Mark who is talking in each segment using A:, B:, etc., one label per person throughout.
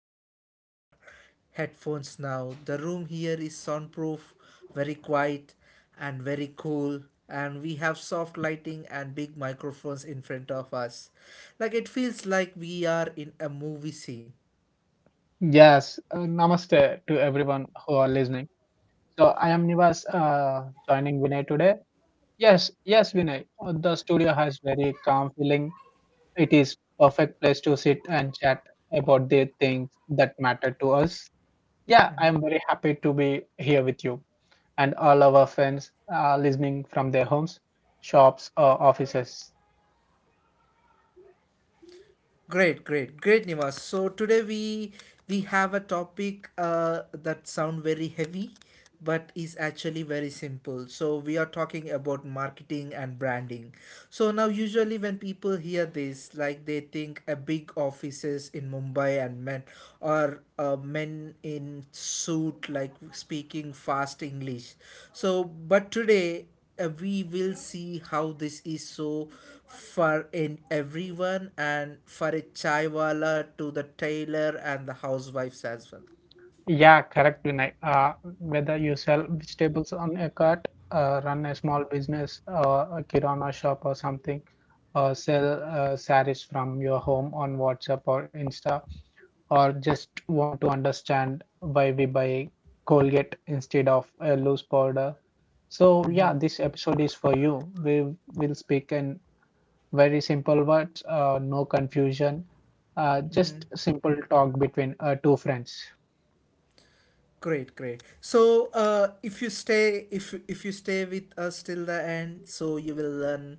A: please put on your headphones now. The room here is soundproof, very quiet and very cool and we have soft lighting and big microphones in front of us like it feels like we are in a movie scene.
B: Yes, namaste to everyone who are listening. So I am Nivas, joining Vinay today. Yes, yes, Vinay. The studio has very calm feeling. It is perfect place to sit and chat about the things that matter to us. Yeah, I'm very happy to be here with you and all our friends listening from their homes, shops, or offices.
A: Great, great, great, Nivas. So today we have a topic that sound very heavy, but is actually very simple. So we are talking about marketing and branding. So now usually when people hear this, like they think a big offices in Mumbai and men or men in suit like speaking fast English. So but today we will see how this is so for in everyone and for a chaiwala to the tailor and the housewives as well.
B: Yeah, correct, Vinay. Whether you sell vegetables on a cart, run a small business, a kirana shop or something, or sell sarees from your home on WhatsApp or Insta, or just want to understand why we buy Colgate instead of a loose powder. So yeah, this episode is for you. We will speak in very simple words, no confusion, just simple talk between two friends.
A: Great, great, so if you stay if you stay with us till the end so you will learn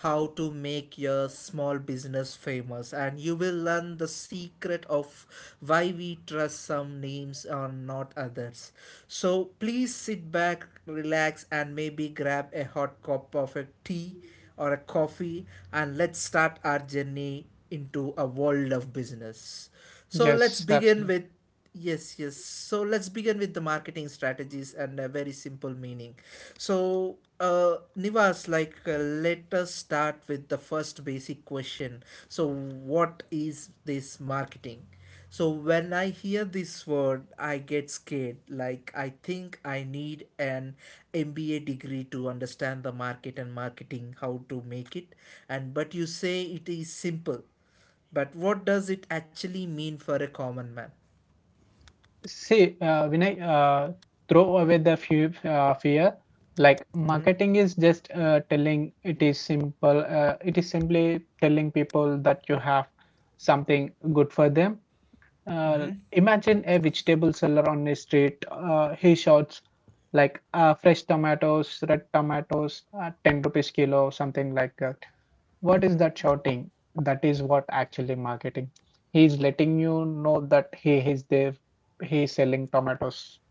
A: how to make your small business famous and you will learn the secret of why we trust some names and not others. So please sit back, relax and maybe grab a hot cup of a tea or a coffee and let's start our journey into a world of business. So let's
B: Just
A: begin
B: absolutely.
A: with. Yes, yes. So let's begin with the marketing strategies and a very simple meaning. So, Nivas, like, let us start with the first basic question. So, what is this marketing? So, when I hear this word, I get scared. Like, I think I need an MBA degree to understand the market and marketing, how to make it. And but you say it is simple. But what does it actually mean for a common man?
B: See, Vinay, throw away the fear. Like marketing is just telling it is simple. It is simply telling people that you have something good for them. Uh, imagine a vegetable seller on the street. He shouts like fresh tomatoes, red tomatoes, 10 rupees kilo, something like that. What is that shouting? That is what actually marketing. He is letting you know that he is there, he is selling tomatoes.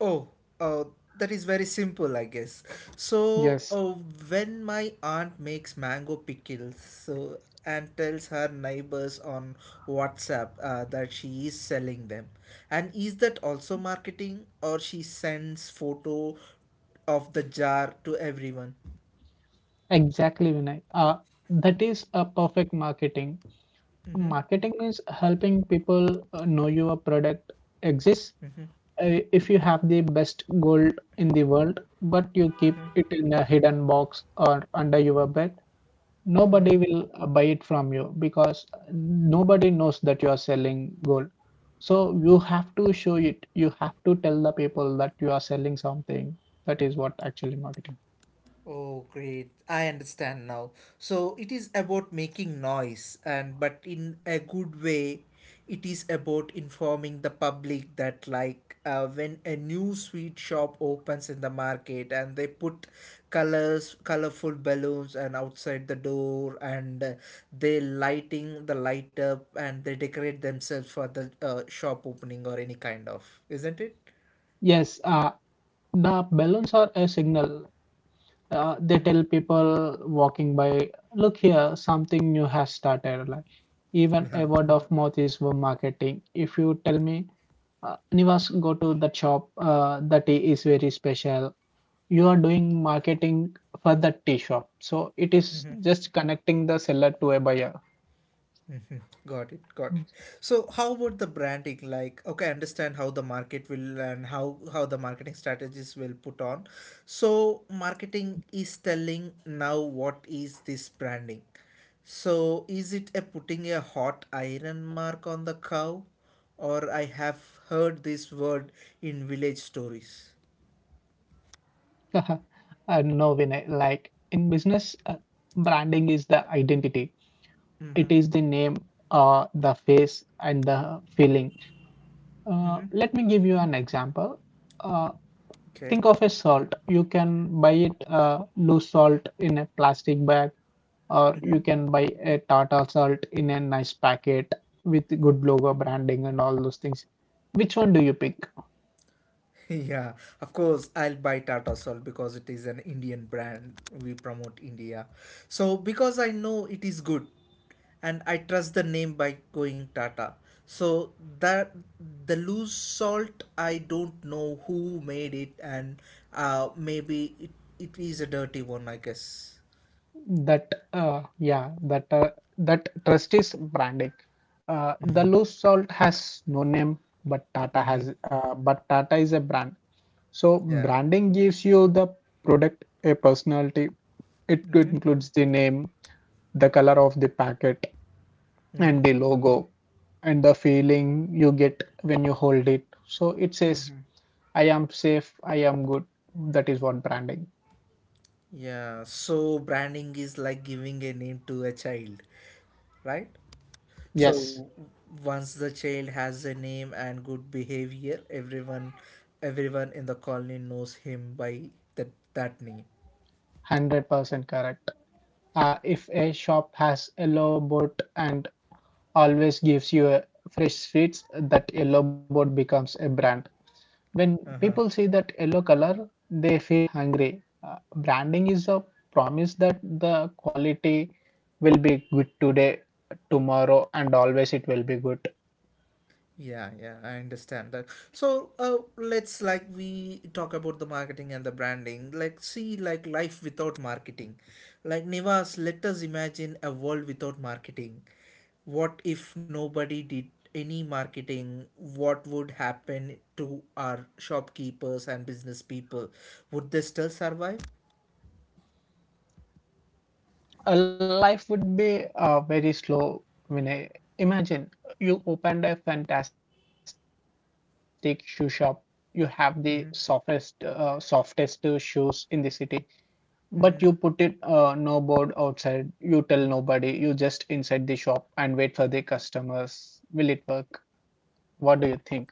A: Oh, uh, that is very simple, I guess. So,
B: Yes,
A: when my aunt makes mango pickles, so and tells her neighbors on WhatsApp that she is selling them, and is that also marketing, or she sends photo of the jar to everyone?
B: exactly, Vinay. That is a perfect marketing. Marketing means helping people know your product exists. If you have the best gold in the world, but you keep it in a hidden box or under your bed, nobody will buy it from you because nobody knows that you are selling gold. So you have to show it. You have to tell the people that you are selling something. That is what actually marketing.
A: Oh, great. I understand now. So it is about making noise, and but in a good way, it is about informing the public that, like, when a new sweet shop opens in the market and they put colors, colorful balloons, and outside the door, and they lighting the light up and they decorate themselves for the shop opening or any kind of, isn't it?
B: Yes, the balloons are a signal. They tell people walking by, look here, something new has started. Like even a word of mouth is for marketing. If you tell me, Nivas, go to that shop. That tea is very special. You are doing marketing for that tea shop, so it is just connecting the seller to a buyer.
A: Got it, got it. So how about the branding? Like, okay, I understand how the market will and how the marketing strategies will put on. So marketing is telling now what is this branding. So is it a putting a hot iron mark on the cow? Or I have heard this word in village stories.
B: No, Vinay, like in business branding is the identity, it
A: Mm-hmm.
B: is the name, the face and the feeling.
A: Mm-hmm.
B: Let me give you an example. Uh,
A: Okay.
B: think of a salt. You can buy it loose salt in a plastic bag, or you can buy a Tata Salt in a nice packet with good logo branding and all those things. Which one do you pick?
A: Yeah, of course, I'll buy Tata Salt because it is an Indian brand. We promote India. So, because I know it is good and I trust the name by going Tata. So, that the loose salt, I don't know who made it, and uh, maybe it, it is a dirty one, I guess.
B: That yeah, that That trust is branding.
A: Mm-hmm.
B: The loose salt has no name, but Tata
A: Mm-hmm.
B: has, but Tata is a brand. So
A: Yeah.
B: branding gives you the product a personality. It
A: Mm-hmm.
B: includes the name, the color of the packet,
A: Mm-hmm.
B: and the logo, and the feeling you get when you hold it. So it says I am safe, I am good. That is what branding.
A: Yeah. So, branding is like giving a name to a child, right?
B: Yes,
A: So once the child has a name and good behavior, everyone in the colony knows him by that that name.
B: 100% correct. If a shop has a yellow board and always gives you a fresh sweets, that yellow board becomes a brand. When
A: Uh huh.
B: people see that yellow color, they feel hungry. Branding is a promise that the quality will be good today, tomorrow, and always it will be good.
A: Yeah, yeah, I understand that. So, let's like we talk about the marketing and the branding. Like, see, like life without marketing. Like Nivas, let us imagine a world without marketing. What if nobody did any marketing? What would happen to our shopkeepers and business people? Would they still survive?
B: Life would be very slow, Vinay. Imagine you opened a fantastic shoe shop. You have the softest shoes in the city, but you put it no board outside. You tell nobody. You just inside the shop and wait for the customers. Will it work? What do you think?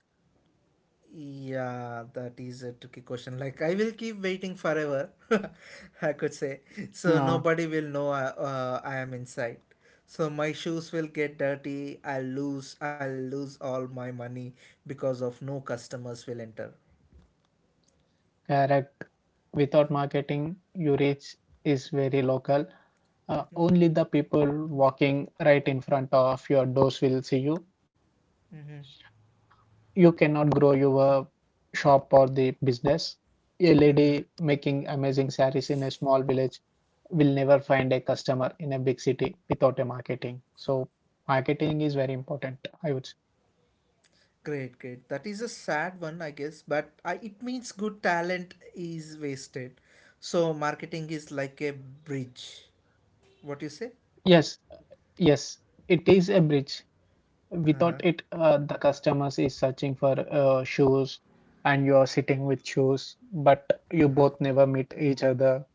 A: Yeah, that is a tricky question. Like, I will keep waiting forever, I could say. So, nobody
B: Uh,
A: will know I am inside. So, my shoes will get dirty. I'll lose all my money because of no customers will enter.
B: correct. Without marketing, your reach is very local. Only the people walking right in front of your doors will see you. You cannot grow your shop or the business. A lady making amazing sarees in a small village will never find a customer in a big city without a marketing. So marketing is very important, I would say.
A: Great, great. That is a sad one, I guess, but I, it means good talent is wasted. So, marketing is like a bridge. What you say?
B: Yes, yes, it is a bridge.
A: Uh huh.
B: Without it, the customers is searching for shoes and you are sitting with shoes, but you both never meet each other.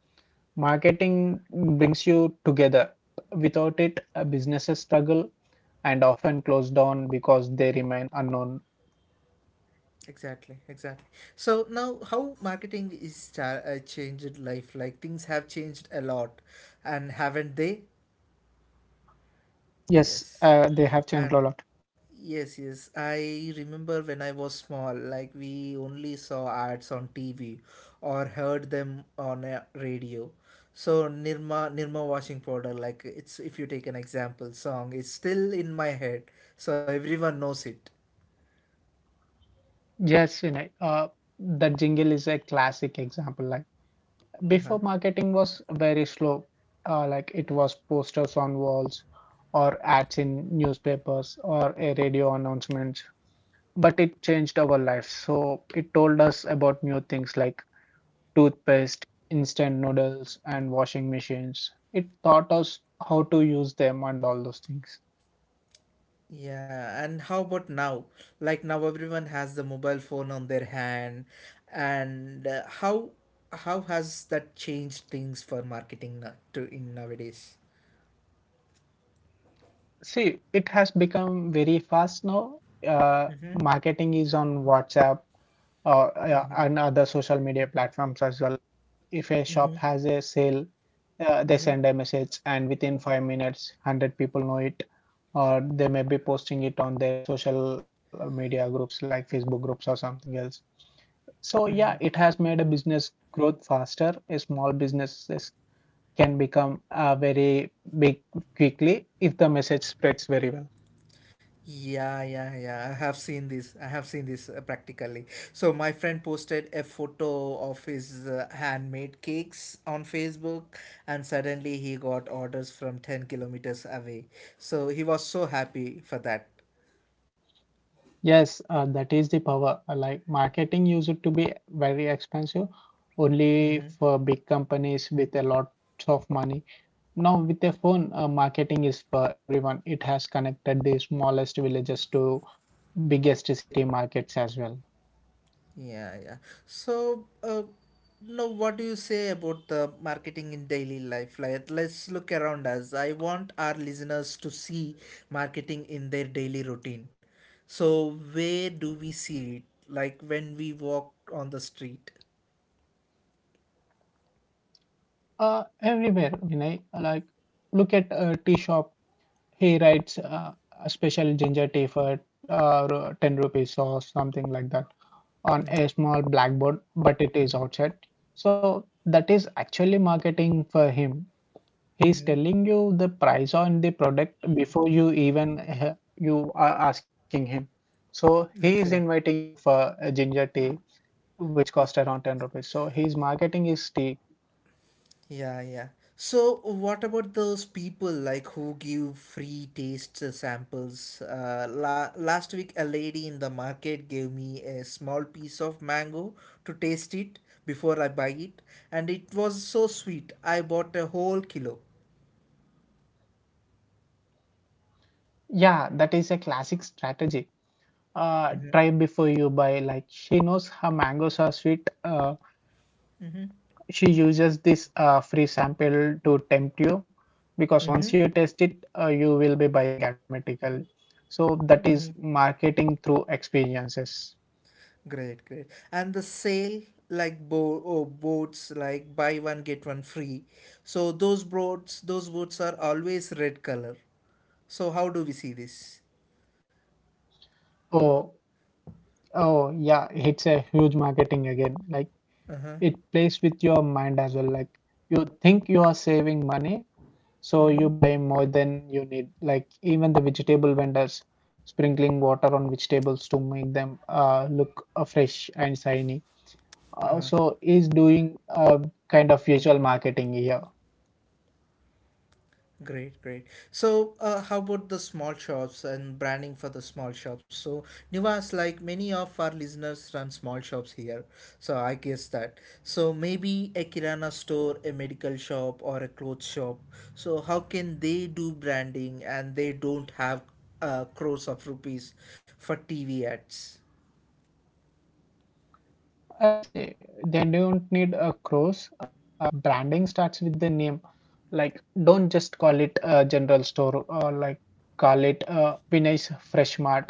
B: Marketing brings you together. Without it, businesses struggle and often closed down because they remain unknown.
A: Exactly, exactly. So now, how marketing is changed life? Like things have changed a lot, and haven't they?
B: Yes,
A: Yes.
B: they have changed a
A: And
B: lot.
A: yes, yes. I remember when I was small, like we only saw ads on TV or heard them on a radio. So Nirma washing powder, like it's if you take an example song, it's still in my head. So everyone knows it.
B: Yes, you know, the jingle is a classic example. Like
A: Uh huh.
B: before, marketing was very slow. Like it was posters on walls, or ads in newspapers, or a radio announcement. But it changed our lives. So it told us about new things like toothpaste, instant noodles, and washing machines. It taught us how to use them and all those things.
A: Yeah, and how about now? Like now everyone has the mobile phone on their hand and how has that changed things for marketing now, to in nowadays?
B: See, it has become very fast now. Uh,
A: Mm-hmm,
B: Marketing is on WhatsApp or yeah,
A: mm-hmm,
B: and other social media platforms as well. If a shop
A: mm-hmm,
B: has a sale, they
A: mm-hmm,
B: send a message, and within 5 minutes, hundred people know it, or they may be posting it on their social media groups like Facebook groups or something else. So
A: mm-hmm.
B: yeah, it has made a business growth faster. A small businesses can become very big quickly if the message spreads very well.
A: Yeah, yeah, yeah. I have seen this. I have seen this practically. So my friend posted a photo of his handmade cakes on Facebook, and suddenly he got orders from 10 kilometers away. So he was so happy for that.
B: Yes, that is the power. Like marketing used to be very expensive only for big companies with a lot of money. Now, with a phone, marketing is for everyone. It has connected the smallest villages to biggest city markets as well.
A: Yeah, yeah. So, now what do you say about the marketing in daily life? Like, let's look around us. I want our listeners to see marketing in their daily routine. So, where do we see it? Like when we walk on the street.
B: Everywhere, you know, like look at a tea shop. He writes a special ginger tea for 10 rupees or something like that, on a small blackboard, but it is outside. So that is actually marketing for him. He is telling you the price on the product before you even you are asking him. So he is
A: Okay.
B: inviting you for a ginger tea, which cost around 10 rupees. So his marketing is tea.
A: Yeah, yeah. So, what about those people like who give free taste samples? Last week, a lady in the market gave me a small piece of mango to taste it before I buy it, and it was so sweet. I bought a whole kilo.
B: Yeah, that is a classic strategy. Try before you buy. Like she knows her mangoes are sweet. She uses this free sample to tempt you because once you test it, you will be buying automatically. So that is marketing through experiences.
A: Great, great. And the sale like boats like buy one get one free. So those boats are always red color. So how do we see this?
B: Oh, oh yeah, it's a huge marketing again. Like it plays with your mind as well. Like you think you are saving money, so you buy more than you need. Like even the vegetable vendors sprinkling water on vegetables to make them look fresh and shiny, also is doing a kind of visual marketing here.
A: Great, great. So, how about the small shops and branding for the small shops? So, Nivas, like many of our listeners run small shops here, so I guess that. So, maybe a kirana store, a medical shop, or a clothes shop. So, how can they do branding and they don't have crores of rupees for TV ads?
B: I say they don't need a cross. Branding starts with the name. Like, don't just call it a general store, or like call it Vinay's Fresh Mart.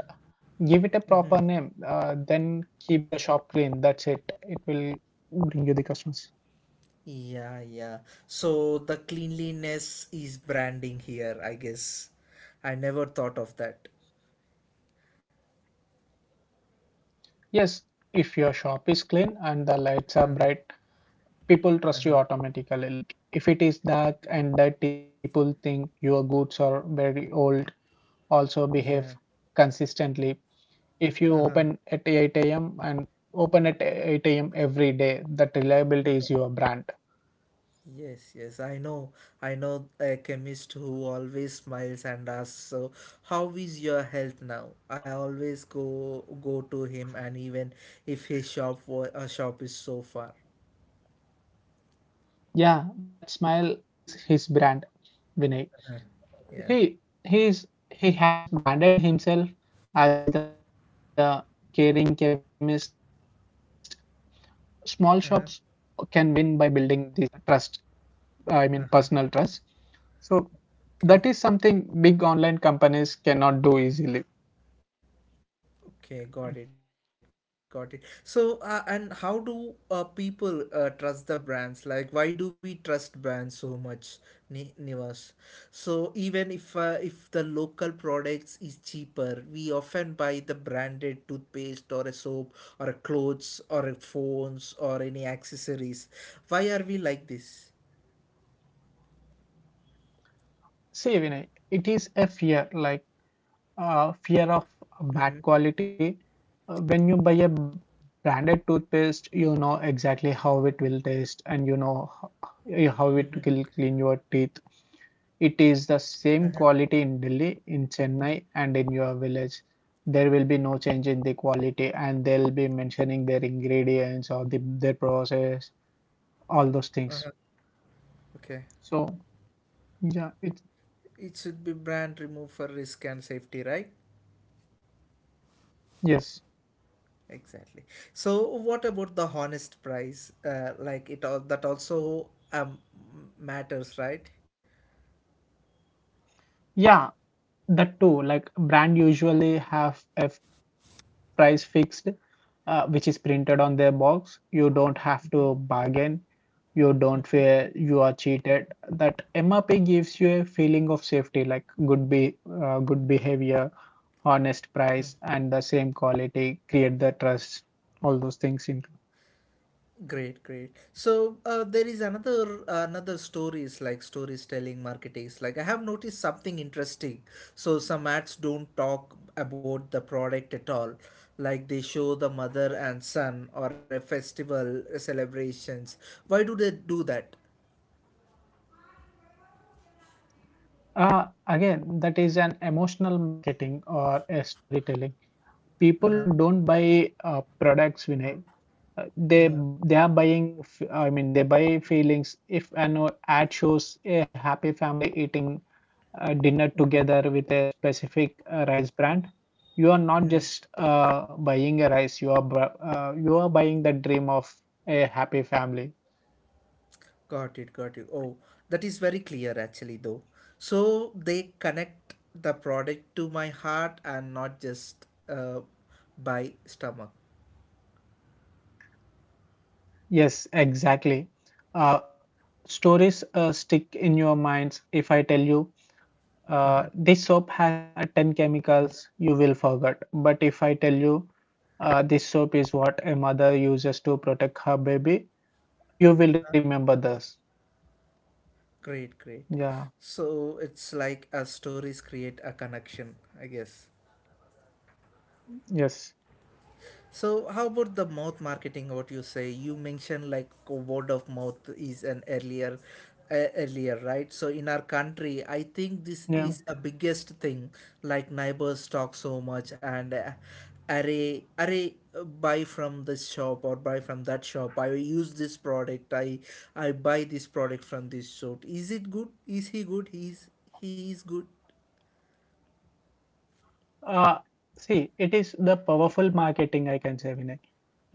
B: Give it a proper name. Then keep the shop clean. That's it. It will bring you the customers.
A: Yeah, yeah. So, the cleanliness is branding here, I guess. I never thought of that.
B: Yes, if your shop is clean and the lights are bright, people trust you automatically. Like if it is dark and dirty, people think your goods are very old. Also behave
A: Yeah.
B: consistently. If you
A: Uh-huh.
B: open at 8 a.m. and open at 8 a.m. every day, that reliability is your brand.
A: Yes, yes, I know. I know a chemist who always smiles and asks, "So, how is your health now?" I always go to him, and even if his shop is so far.
B: Yeah, that smile is his brand, Vinay.
A: Yeah.
B: He has branded himself as the caring chemist. Small shops can win by building this
A: Uh
B: trust.
A: huh.
B: I mean personal trust. So
A: Uh
B: that is
A: huh.
B: something big online companies cannot
A: Okay.
B: do easily.
A: Okay, got it, got it. So, and how do people trust the brands? Like, why do we trust brands so much, Nivas? So, even if the local products is cheaper, we often buy the branded toothpaste or a soap or a clothes or a phones or any accessories. Why are we like this?
B: See, Vinay, it is a fear, like fear of bad quality. When you buy a branded toothpaste, you know exactly how it will taste and you know how it will clean your teeth. It is the same quality in Delhi, in Chennai, and in your village. There will be no change in the quality, and they'll be mentioning their ingredients or their process, all those things.
A: Okay,
B: So. Yeah, it's
A: it should be brand remove for risk and safety, right?
B: yes.
A: Exactly. So, what about the honest price? Like it all that also matters, right?
B: Yeah, that too. Like brand usually have a price fixed, which is printed on their box. You don't have to bargain. You don't feel you are cheated. That MRP gives you a feeling of safety, like good behavior, honest price, and the same quality. Create the trust. All those things in.
A: Great, great. So there is another stories like stories telling marketings. Like I have noticed something interesting. So some ads don't talk about the product at all. Like they show the mother and son or a festival celebrations. Why do they do that?
B: Again, that is an emotional marketing or a storytelling. People don't buy products, Vinay. Uh, they they are buying f- I mean they buy feelings. If an ad shows a happy family eating dinner together with a specific rice brand, you are not just buying a rice, you are you are buying the dream of a happy family.
A: Got it, got it. Oh, that is very clear actually, though. So they connect the product to my heart and not just by stomach.
B: Yes, exactly. Uh, stories stick in your minds. If I tell you this soap has 10 chemicals, you will forget, but if I tell you this soap is what a mother uses to protect her baby, you will remember this.
A: Great, great.
B: Yeah,
A: So it's like a stories create a connection, I guess.
B: yes.
A: So, how about the mouth marketing? What you say? You mentioned like word of mouth is an earlier, right? So, in our country, I think this
B: Yeah,
A: is a biggest thing. Like neighbors talk so much, and array, array, buy from this shop or buy from that shop. I use this product. I buy this product from this shop. Is it good? Is he good? He is good?
B: uh, see it is the powerful marketing, I can say, Vinay.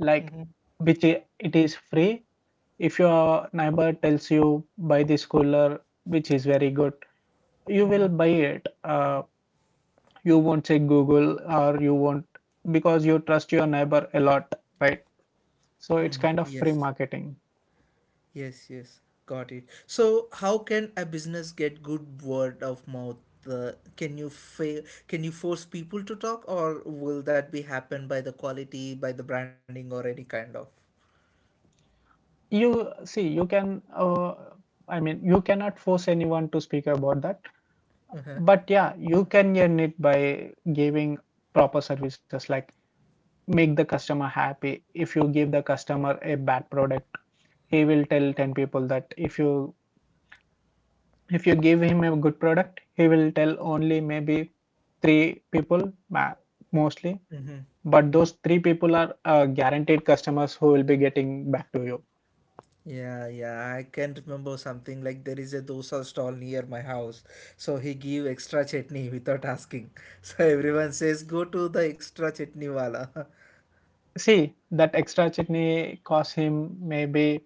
B: Like, it is free. If your neighbor tells you buy this cooler which is very good, you will buy it, you won't check Google, or you won't, because you trust your neighbor a lot, right? So it's kind of free
A: Yes.
B: marketing.
A: Yes, yes, got it. So, how can a business get good word of mouth? Can you fail? Can you force people to talk, or will that be happen by the quality, by the branding, or any kind of?
B: You see, you can, I mean, you cannot force anyone to speak about that, but yeah, you can earn it by giving proper services like make the customer happy. If you give the customer a bad product, he will tell 10 people that if you give him a good product, he will tell only maybe three people mostly, but those three people are guaranteed customers who will be getting back to you.
A: Yeah, yeah, I can remember something like there is a dosa stall near my house, so he give extra chutney without asking. So everyone says, "Go to the extra chutney wala."
B: See, that extra chutney costs him maybe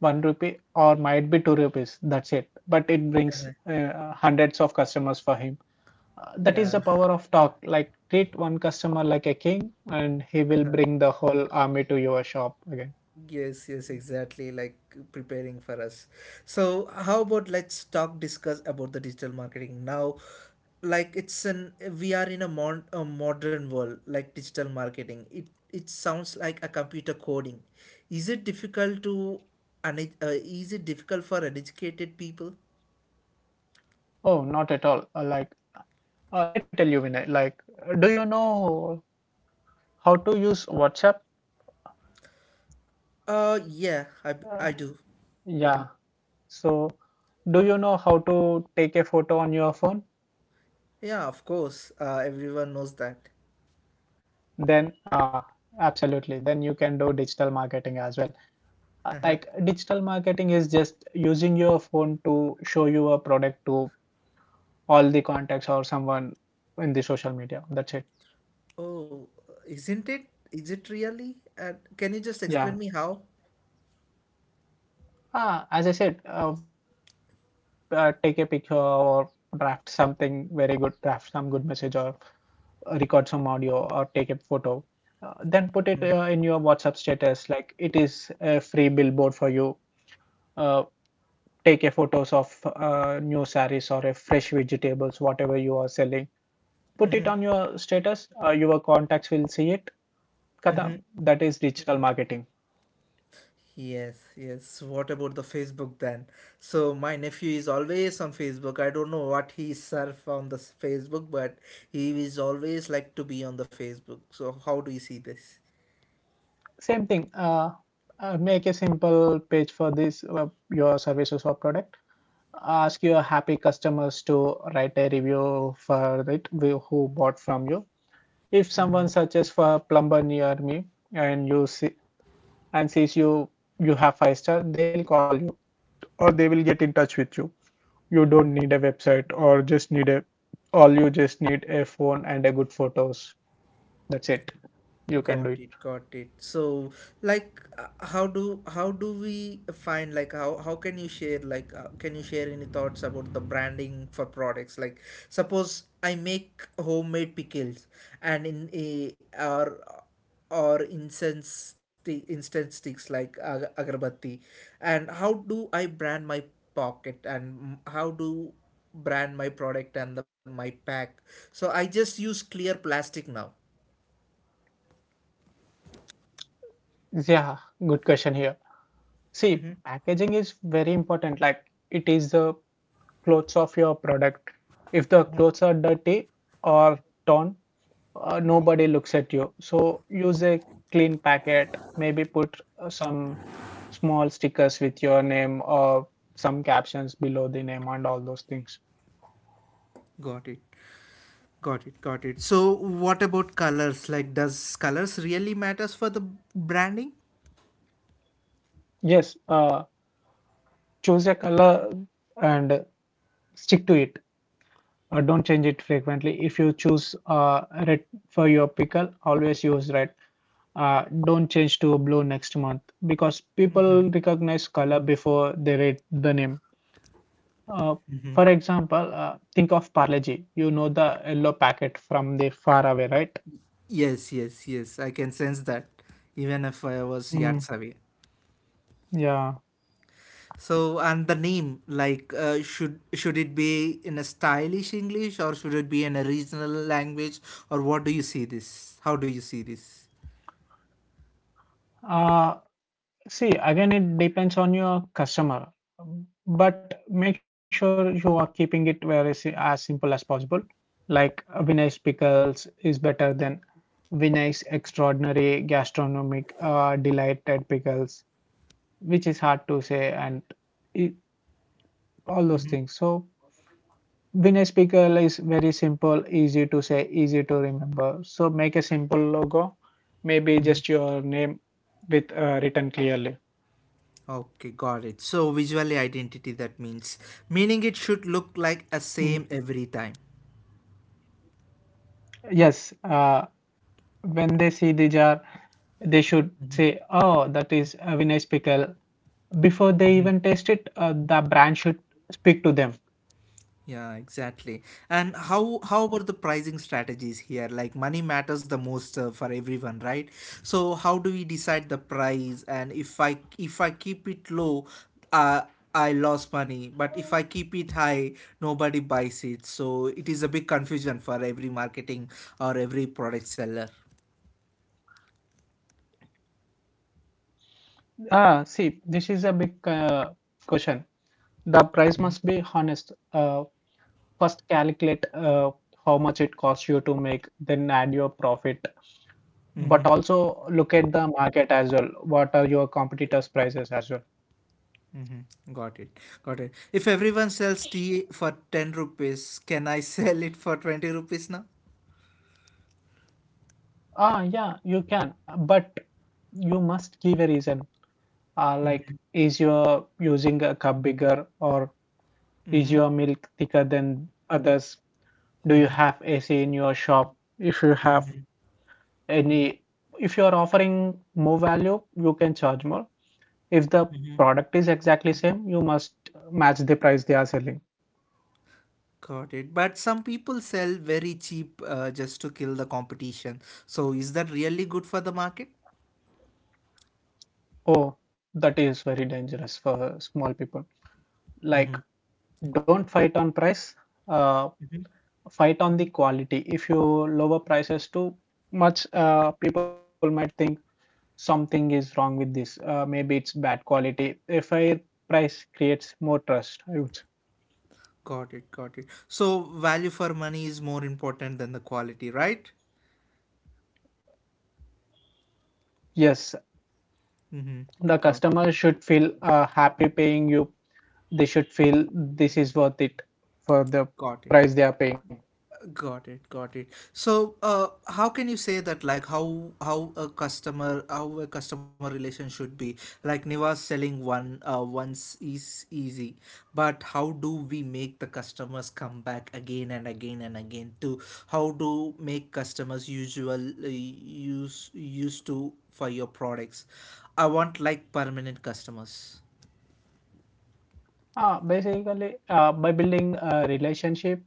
B: 1 rupee or might be 2 rupees. That's it. But it brings hundreds of customers for him. That is the
A: Yeah.
B: power of talk. Like, treat one customer like a king, and he will bring the whole army to your shop again.
A: Yes, yes, exactly. Like preparing for us. So, how about let's talk discuss about the digital marketing now. Like it's an we are in a, modern world. Like digital marketing, it sounds like a computer coding. Is it difficult to, is it difficult for uneducated people?
B: Oh, not at all. Like, let me tell you, Vinay. Like, do you know how to use WhatsApp?
A: Yeah, I
B: Uh,
A: I do.
B: yeah. So, do you know how to take a photo on your phone?
A: Yeah, of course. Everyone knows that.
B: Then, absolutely. Then you can do digital marketing as well. Like, digital marketing is just using your phone to show your product to all the contacts or someone in the social media. That's it.
A: Oh, isn't it? Is it really? And can you just explain
B: Yeah.
A: me how?
B: Ah, as I said, take a picture or draft something very good, draft some good message or record some audio or take a photo, then put it in your WhatsApp status, like it is a free billboard for you. Uh, Take a photos of new sarees or a fresh vegetables, whatever you are selling. Put it on your status. Your contacts will see it. Khatam. That is digital marketing.
A: Yes, yes. What about the Facebook then? So my nephew is always on Facebook. I don't know what he surf on the Facebook, but he is always like to be on the Facebook. So how do you see this?
B: Same thing. Make a simple page for this, your services or product. Ask your happy customers to write a review for it, who bought from you. If
A: Mm-hmm.
B: someone searches for a plumber near me, and you see and sees you, you have five-star, they will call you or they will get in touch with you. You don't need a website, or just need a all you just need a phone and a good photos. That's it. You can
A: Got
B: do it.
A: it, got it. So, like, how do we find, like, how can you share, like, can you share any thoughts about the branding for products? Like, suppose I make homemade pickles, and in a or incense sticks like agarbatti, and how do I brand my pocket and how do brand my product and my pack? So I just use clear plastic now.
B: Yeah, good question here. See, packaging is very important. Like, it is the clothes of your product. If the clothes are dirty or torn, nobody looks at you. So use a clean packet, maybe put some small stickers with your name, or some captions below the name, and all those things.
A: Got it. Got it, got it. So, what about colors? Like, does colors really matters for the branding?
B: Yes, choose a color and stick to it. Don't change it frequently. If you choose red for your pickle, always use red. Don't change to blue next month, because people recognize color before they read the name. Uh, for example, think of Parleji. You know the yellow packet from the far away, right?
A: Yes, yes, yes. I can sense that, even if I was yards
B: Mm,
A: away.
B: yeah.
A: So, and the name, like, should it be in a stylish English or should it be in a regional language, or what do you see this? How do you see this?
B: Uh, See, again, it depends on your customer, but make sure you are keeping it as simple as possible. Like, Vinay's pickles is better than Vinay's extraordinary gastronomic, delighted pickles, which is hard to say, and it, all those things. So. Winner speaker is very simple, easy to say, easy to remember. So make a simple logo, maybe just your name with, written clearly.
A: Okay, got it. So, visually identity that means meaning it should look
B: Mm.
A: like a same every time.
B: Yes, when they see the jar, they should say, "Oh, that is a winner pickle." Before they even taste it, the brand should speak to them.
A: Yeah, exactly. And how about the pricing strategies here? Like money matters the most for everyone, right? So how do we decide the price? And if I keep it low, uh, I lost money. But if I keep it high, nobody buys it. So it is a big confusion for every marketing or every product seller.
B: Ah, see, this is a big, question. The price must be honest. First, calculate how much it costs you to make, then add your profit,
A: Mm-hmm.
B: but also look at the market as well. What are your competitors' prices as well?
A: Mm-hmm. Got it. Got it. If everyone sells tea for 10 rupees, can I sell it for 20 rupees now?
B: Ah, yeah, you can, but you must give a reason. Like, is your using a cup bigger, or is your milk thicker than others? Do you have AC in your shop? If you have any, if you are offering more value, you can charge more. If the product is exactly same, you must match the price they are selling.
A: Got it. But some people sell very cheap just to kill the competition. So is that really good for the market?
B: Oh, that is very dangerous for small people.
A: Mm-hmm.
B: Like, don't fight on price, uh, fight on the quality. If you lower prices too much, people might think something is wrong with this, maybe it's bad quality. A fair price creates more trust, I would say.
A: Got it. Got it. So value for money is more important than the quality, right?
B: Yes,
A: Mm-hmm.
B: the
A: Got it.
B: customer should feel happy paying you. They should feel this is worth it for the
A: Got it.
B: price they are paying.
A: Got it, got it. So, how can you say that? Like, how a customer relation should be? Like, Niva's selling one once is easy, but how do we make the customers come back again and again and again? To how do make customers usually used to for your products? I want like permanent customers.
B: Basically, by building a relationship,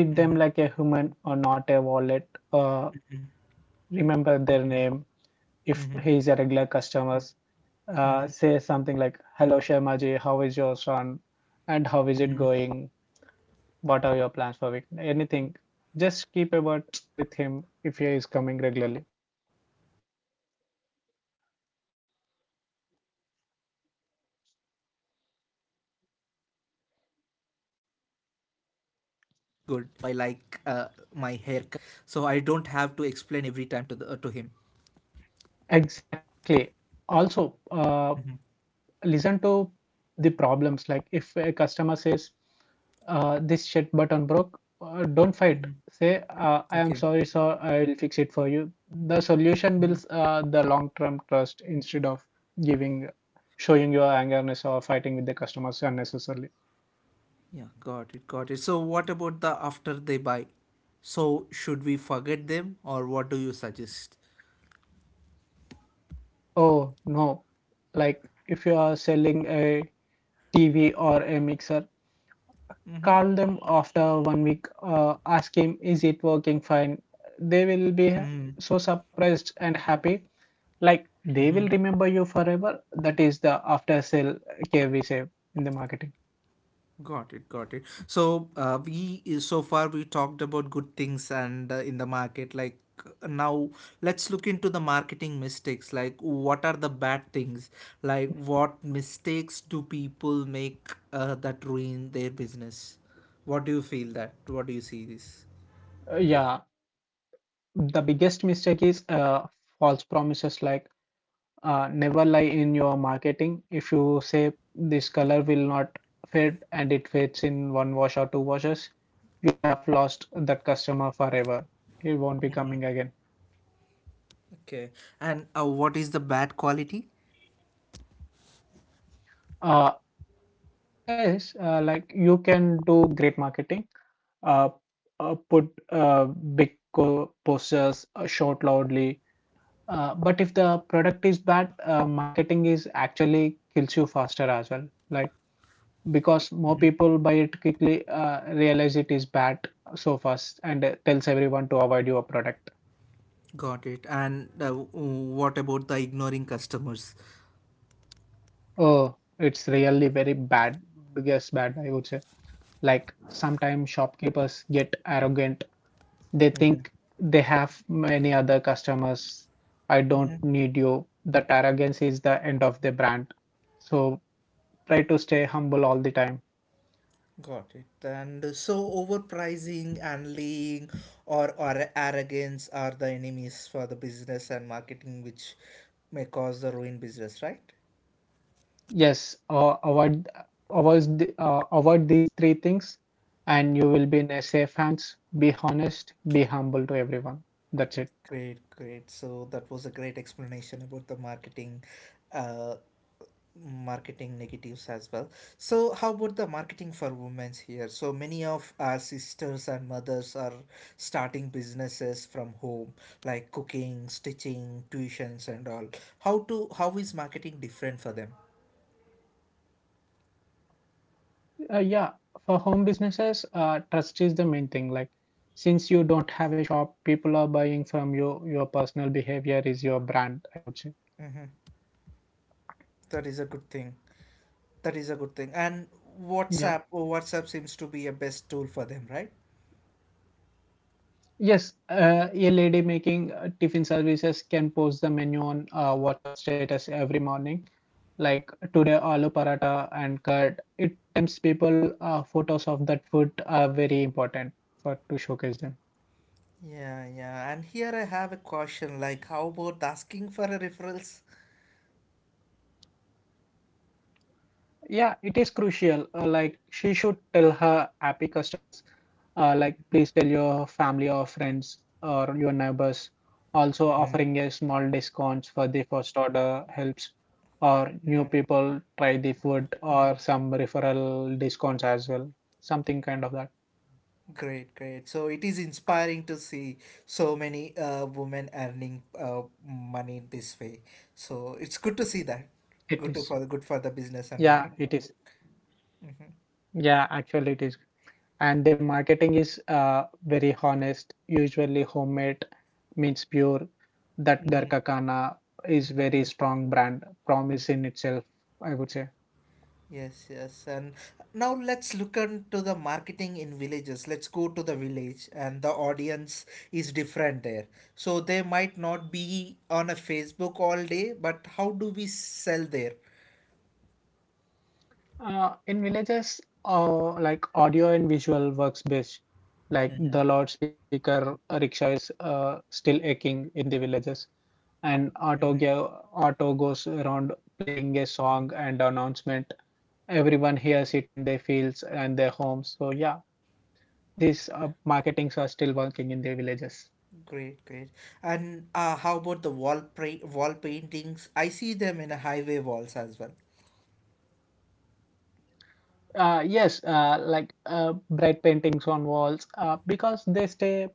B: treat them like a human or not a wallet. Uh, Remember their name. If he is a regular customer, say something like, "Hello, Sharmaji, how is your son? And how is it going? What are your plans for week?" Anything. Just keep a word with him if he is coming regularly.
A: Mm-hmm. Got it, got it. So that's personal touch feels good for everyone, right? I like it when a barber remembers how I like my haircut, so I don't have to explain every time to him.
B: Exactly. Also, listen to the problems. Like, if a customer says, this shit button broke, don't fight. Say, I am
A: Okay.
B: sorry, sir, I will fix it for you. The solution
A: Mhm.
B: builds the long-term trust, instead of giving, showing your angerness, or fighting with the customers unnecessarily.
A: Yeah, got it, got it. So what about the after they buy? So should we forget them or what do you suggest?
B: Oh, no. Like, if you are selling a TV or a mixer, call them after one week, ask him, is it working fine? They will be
A: Mm-hmm.
B: so surprised and happy. Like, they will remember you forever. That is the after sale care we say in the marketing.
A: Got it, got it. So, we so far we talked about good things and in the market. Like now, let's look into the marketing mistakes. Like, what are the bad things? Like, what mistakes do people make that ruin their business? What do you feel that? What do you see this?
B: Yeah, the biggest mistake is, false promises. Like, never lie in your marketing. If you say this color will not fade, and it fades in one wash or two washes, you have lost that customer forever. He won't be coming again.
A: Okay, and what is the bad quality?
B: Uh, Yes, like you can do great marketing. Uh, Put big posters, shout loudly. But if the product is bad, marketing is actually kills you faster as well. Like, because more people buy it quickly, realize it is bad so fast, and tells everyone to avoid your product.
A: Got it. And what about the ignoring customers?
B: Oh, it's really very bad. Biggest bad, I would say. Like, sometimes shopkeepers get arrogant. They think they have many other customers. I don't need you. That arrogance is the end of the brand. So try to stay humble all the time.
A: Got it. And so overpricing and lying or arrogance are the enemies for the business and marketing, which may cause the ruined business, right?
B: Yes, avoid these three things, and you will be in a safe hands. Be honest. Be humble to everyone. That's it.
A: Great, great. So that was a great explanation about the uh, marketing negatives as well. So how about the marketing for women here? So many of our sisters and mothers are starting businesses from home, like cooking, stitching, tuitions, and all. How is marketing different for them?
B: Yeah, for home businesses, trust is the main thing. Like, since you don't have a shop, people are buying from you. Your personal behavior is your brand, I would say.
A: That is a good thing. That is a good thing. And
B: Yeah.
A: WhatsApp seems to be a best tool for them, right?
B: Yes, a lady making tiffin services can post the menu on WhatsApp status every morning, like today aloo paratha and curd. It tempts people, photos of that food are very important for to showcase them.
A: Yeah, yeah. And here I have a question like, how about asking for a referrals?
B: Yeah, it is crucial. Like, she should tell her happy customers, like please tell your family or friends or your neighbors. Also, offering a small discounts for the first order helps, or new people try the food, or some referral discounts as well, something kind of that.
A: Great, great. So it is inspiring to see so many women earning money this way. So it's good to see that.
B: It is.
A: Good for the business and
B: Yeah,
A: marketing.
B: it is. Yeah, actually, it is. And their marketing is very honest, usually homemade means pure. That darkakana is very strong brand promise in itself, I would say.
A: Yes, yes. And now let's look into the marketing in villages. Let's go to the village, and the audience is different there. So they might not be on a Facebook all day, but how do we sell there?
B: In villages, like audio and visual works best. Like, the loudspeaker rickshaw is still aching in the villages. An auto, auto goes around playing a song and announcement. Everyone hears it in their fields and their homes. So yeah, these marketings are still working in their villages.
A: Great, great. And how about the wall paintings? I see them in a highway walls as well.
B: Yes, like bright paintings on walls, because they stay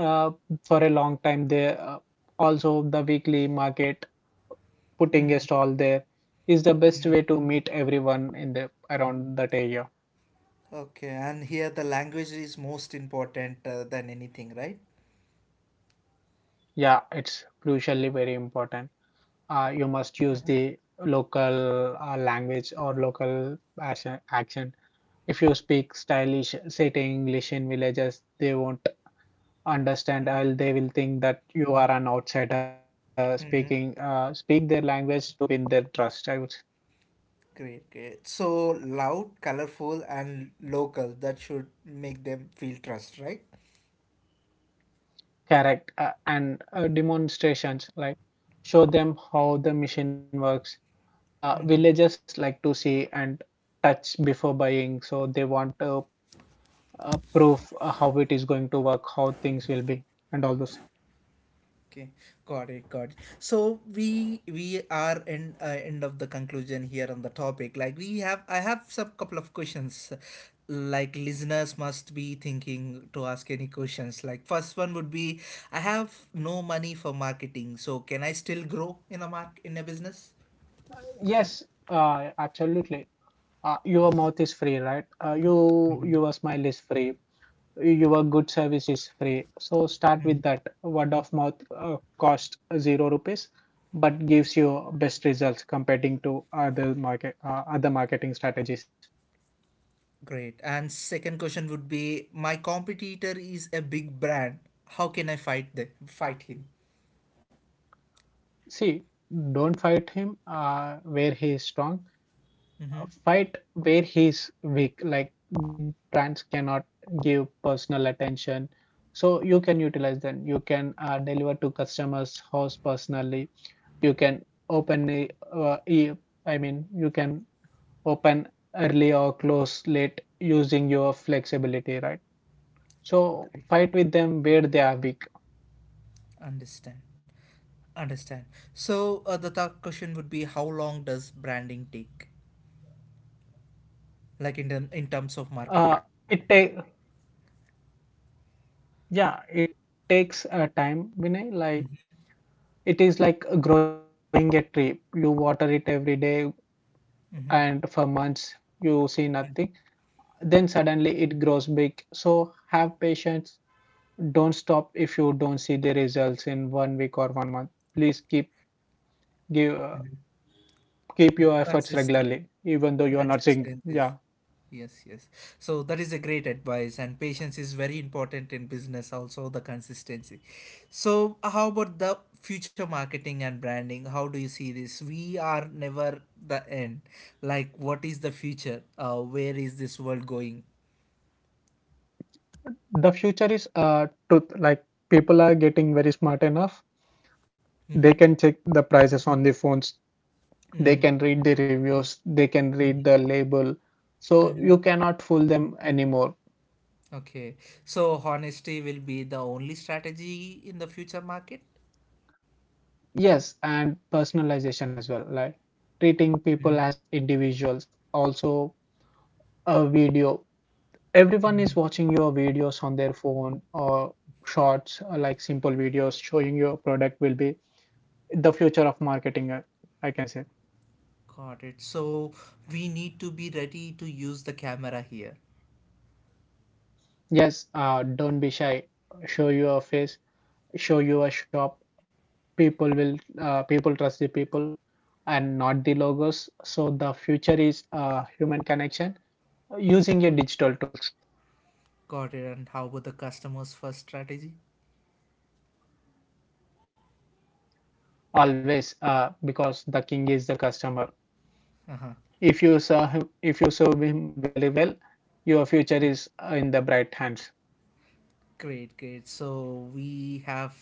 B: uh, for a long time. They, also the weekly market, putting a stall there, is the best way to meet everyone in the around that area.
A: Okay, and here the language is most important than anything, right?
B: Yeah, it's crucially very important. You must use the local, language, or local accent. If you speak stylish, city English in villages, they won't understand. I'll, they will think that you are an outsider
A: Mm-hmm.
B: speaking. Speak their language to win their trust, I would say.
A: Great, great. So loud, colorful, and local. That should make them feel trust, right?
B: Correct. And demonstrations, like show them how the machine works. Villagers like to see and touch before buying, so they want to. uh, Proof, how it is going to work, how things will be, and all those.
A: Okay, got it, got it. So we are in end of the conclusion here on the topic. Like I have some couple of questions. Like listeners must be thinking to ask any questions. Like first one would be, I have no money for marketing, so can I still grow in a business?
B: Yes, absolutely. Your mouth is free, right? Your smile is free. Your good service is free. So start with that. Word of mouth, cost 0 rupees, but gives you best results comparing to other marketing strategies.
A: Great. And second question would be, my competitor is a big brand. How can I fight him?
B: See, don't fight him, where he is strong. Fight where he's weak. Like, big brands cannot give personal attention. So you can utilize them. You can deliver to customers' house personally. You can open the, uh, e- I mean, you can open early or close late using your flexibility, right? So
A: Great.
B: fight with them where they are weak.
A: Understand. Understand. So the third question would be how long does branding take? Like in terms of marketing,
B: Uh, it take yeah, it takes time, Vinay. Like, it is like growing a tree. You water it every day, and for months you see nothing, then suddenly it grows big. So have patience, don't stop if you don't see the results in one week or one month. Please keep, give keep your efforts
A: consistent,
B: regularly even though you are not seeing.
A: consistent is
B: Yeah.
A: yes, yes. So that is a great advice, and patience is very important in business. Also, the consistency. So how about the future marketing and branding? How do you see this? We are never the end. Like, what is the future? Where is this world going?
B: The future is truth. Like, people are getting very smart enough. They can check the prices on the phones, they can read the reviews, they can read the label, so you cannot fool them anymore.
A: Okay. So honesty will be the only strategy in the future market?
B: Yes, and personalization as well, like treating people as individuals. Also, a video. Everyone is
A: Mhm.
B: watching your videos on their phone or shorts, or like simple videos showing your product will be the future of marketing, I can say.
A: Got it. So we need to be ready to use the camera here.
B: Yes, don't be shy. Show your face, show your shop. People trust the people and not the logos. So the future is human connection using a digital tools.
A: Got it. And how about the customers first strategy?
B: Always. Because the king is the customer. If you serve him very well, your future is in the bright hands.
A: Great, great. So we have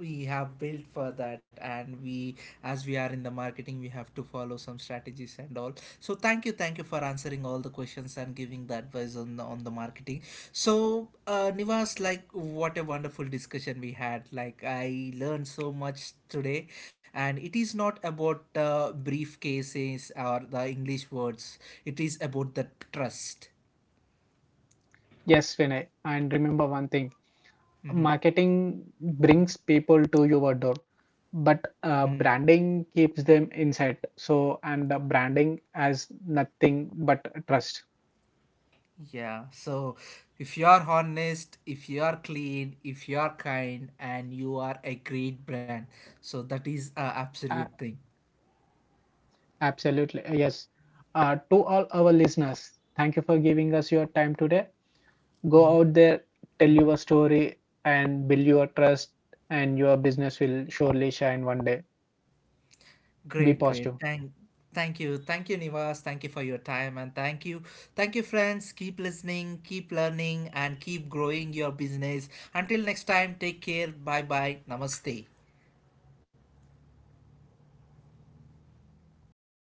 A: we have built for that, and we as we are in the marketing, we have to follow some strategies and all. So thank you, thank you for answering all the questions and giving the advice on the marketing. So Nivas, like, what a wonderful discussion we had. Like, I learned so much today, and it is not about briefcases or the English words. It is about the trust.
B: Yes, Vinay, and remember one thing, marketing brings people to your door, but branding keeps them inside. So, and the branding has nothing but trust.
A: Yeah, so if you are honest, if you are clean, if you are kind, and you are a great brand, so that is a absolute
B: A-
A: thing.
B: Absolutely, yes. To all our listeners, thank you for giving us your time today. Go out there, tell your story, and build your trust, and your business will surely shine one day.
A: Great,
B: Be
A: great.
B: positive.
A: Thank you, thank you, Nivas. Thank you for your time, and thank you, friends. Keep listening, keep learning, and keep growing your business. Until next time, take care. Bye, bye. Namaste.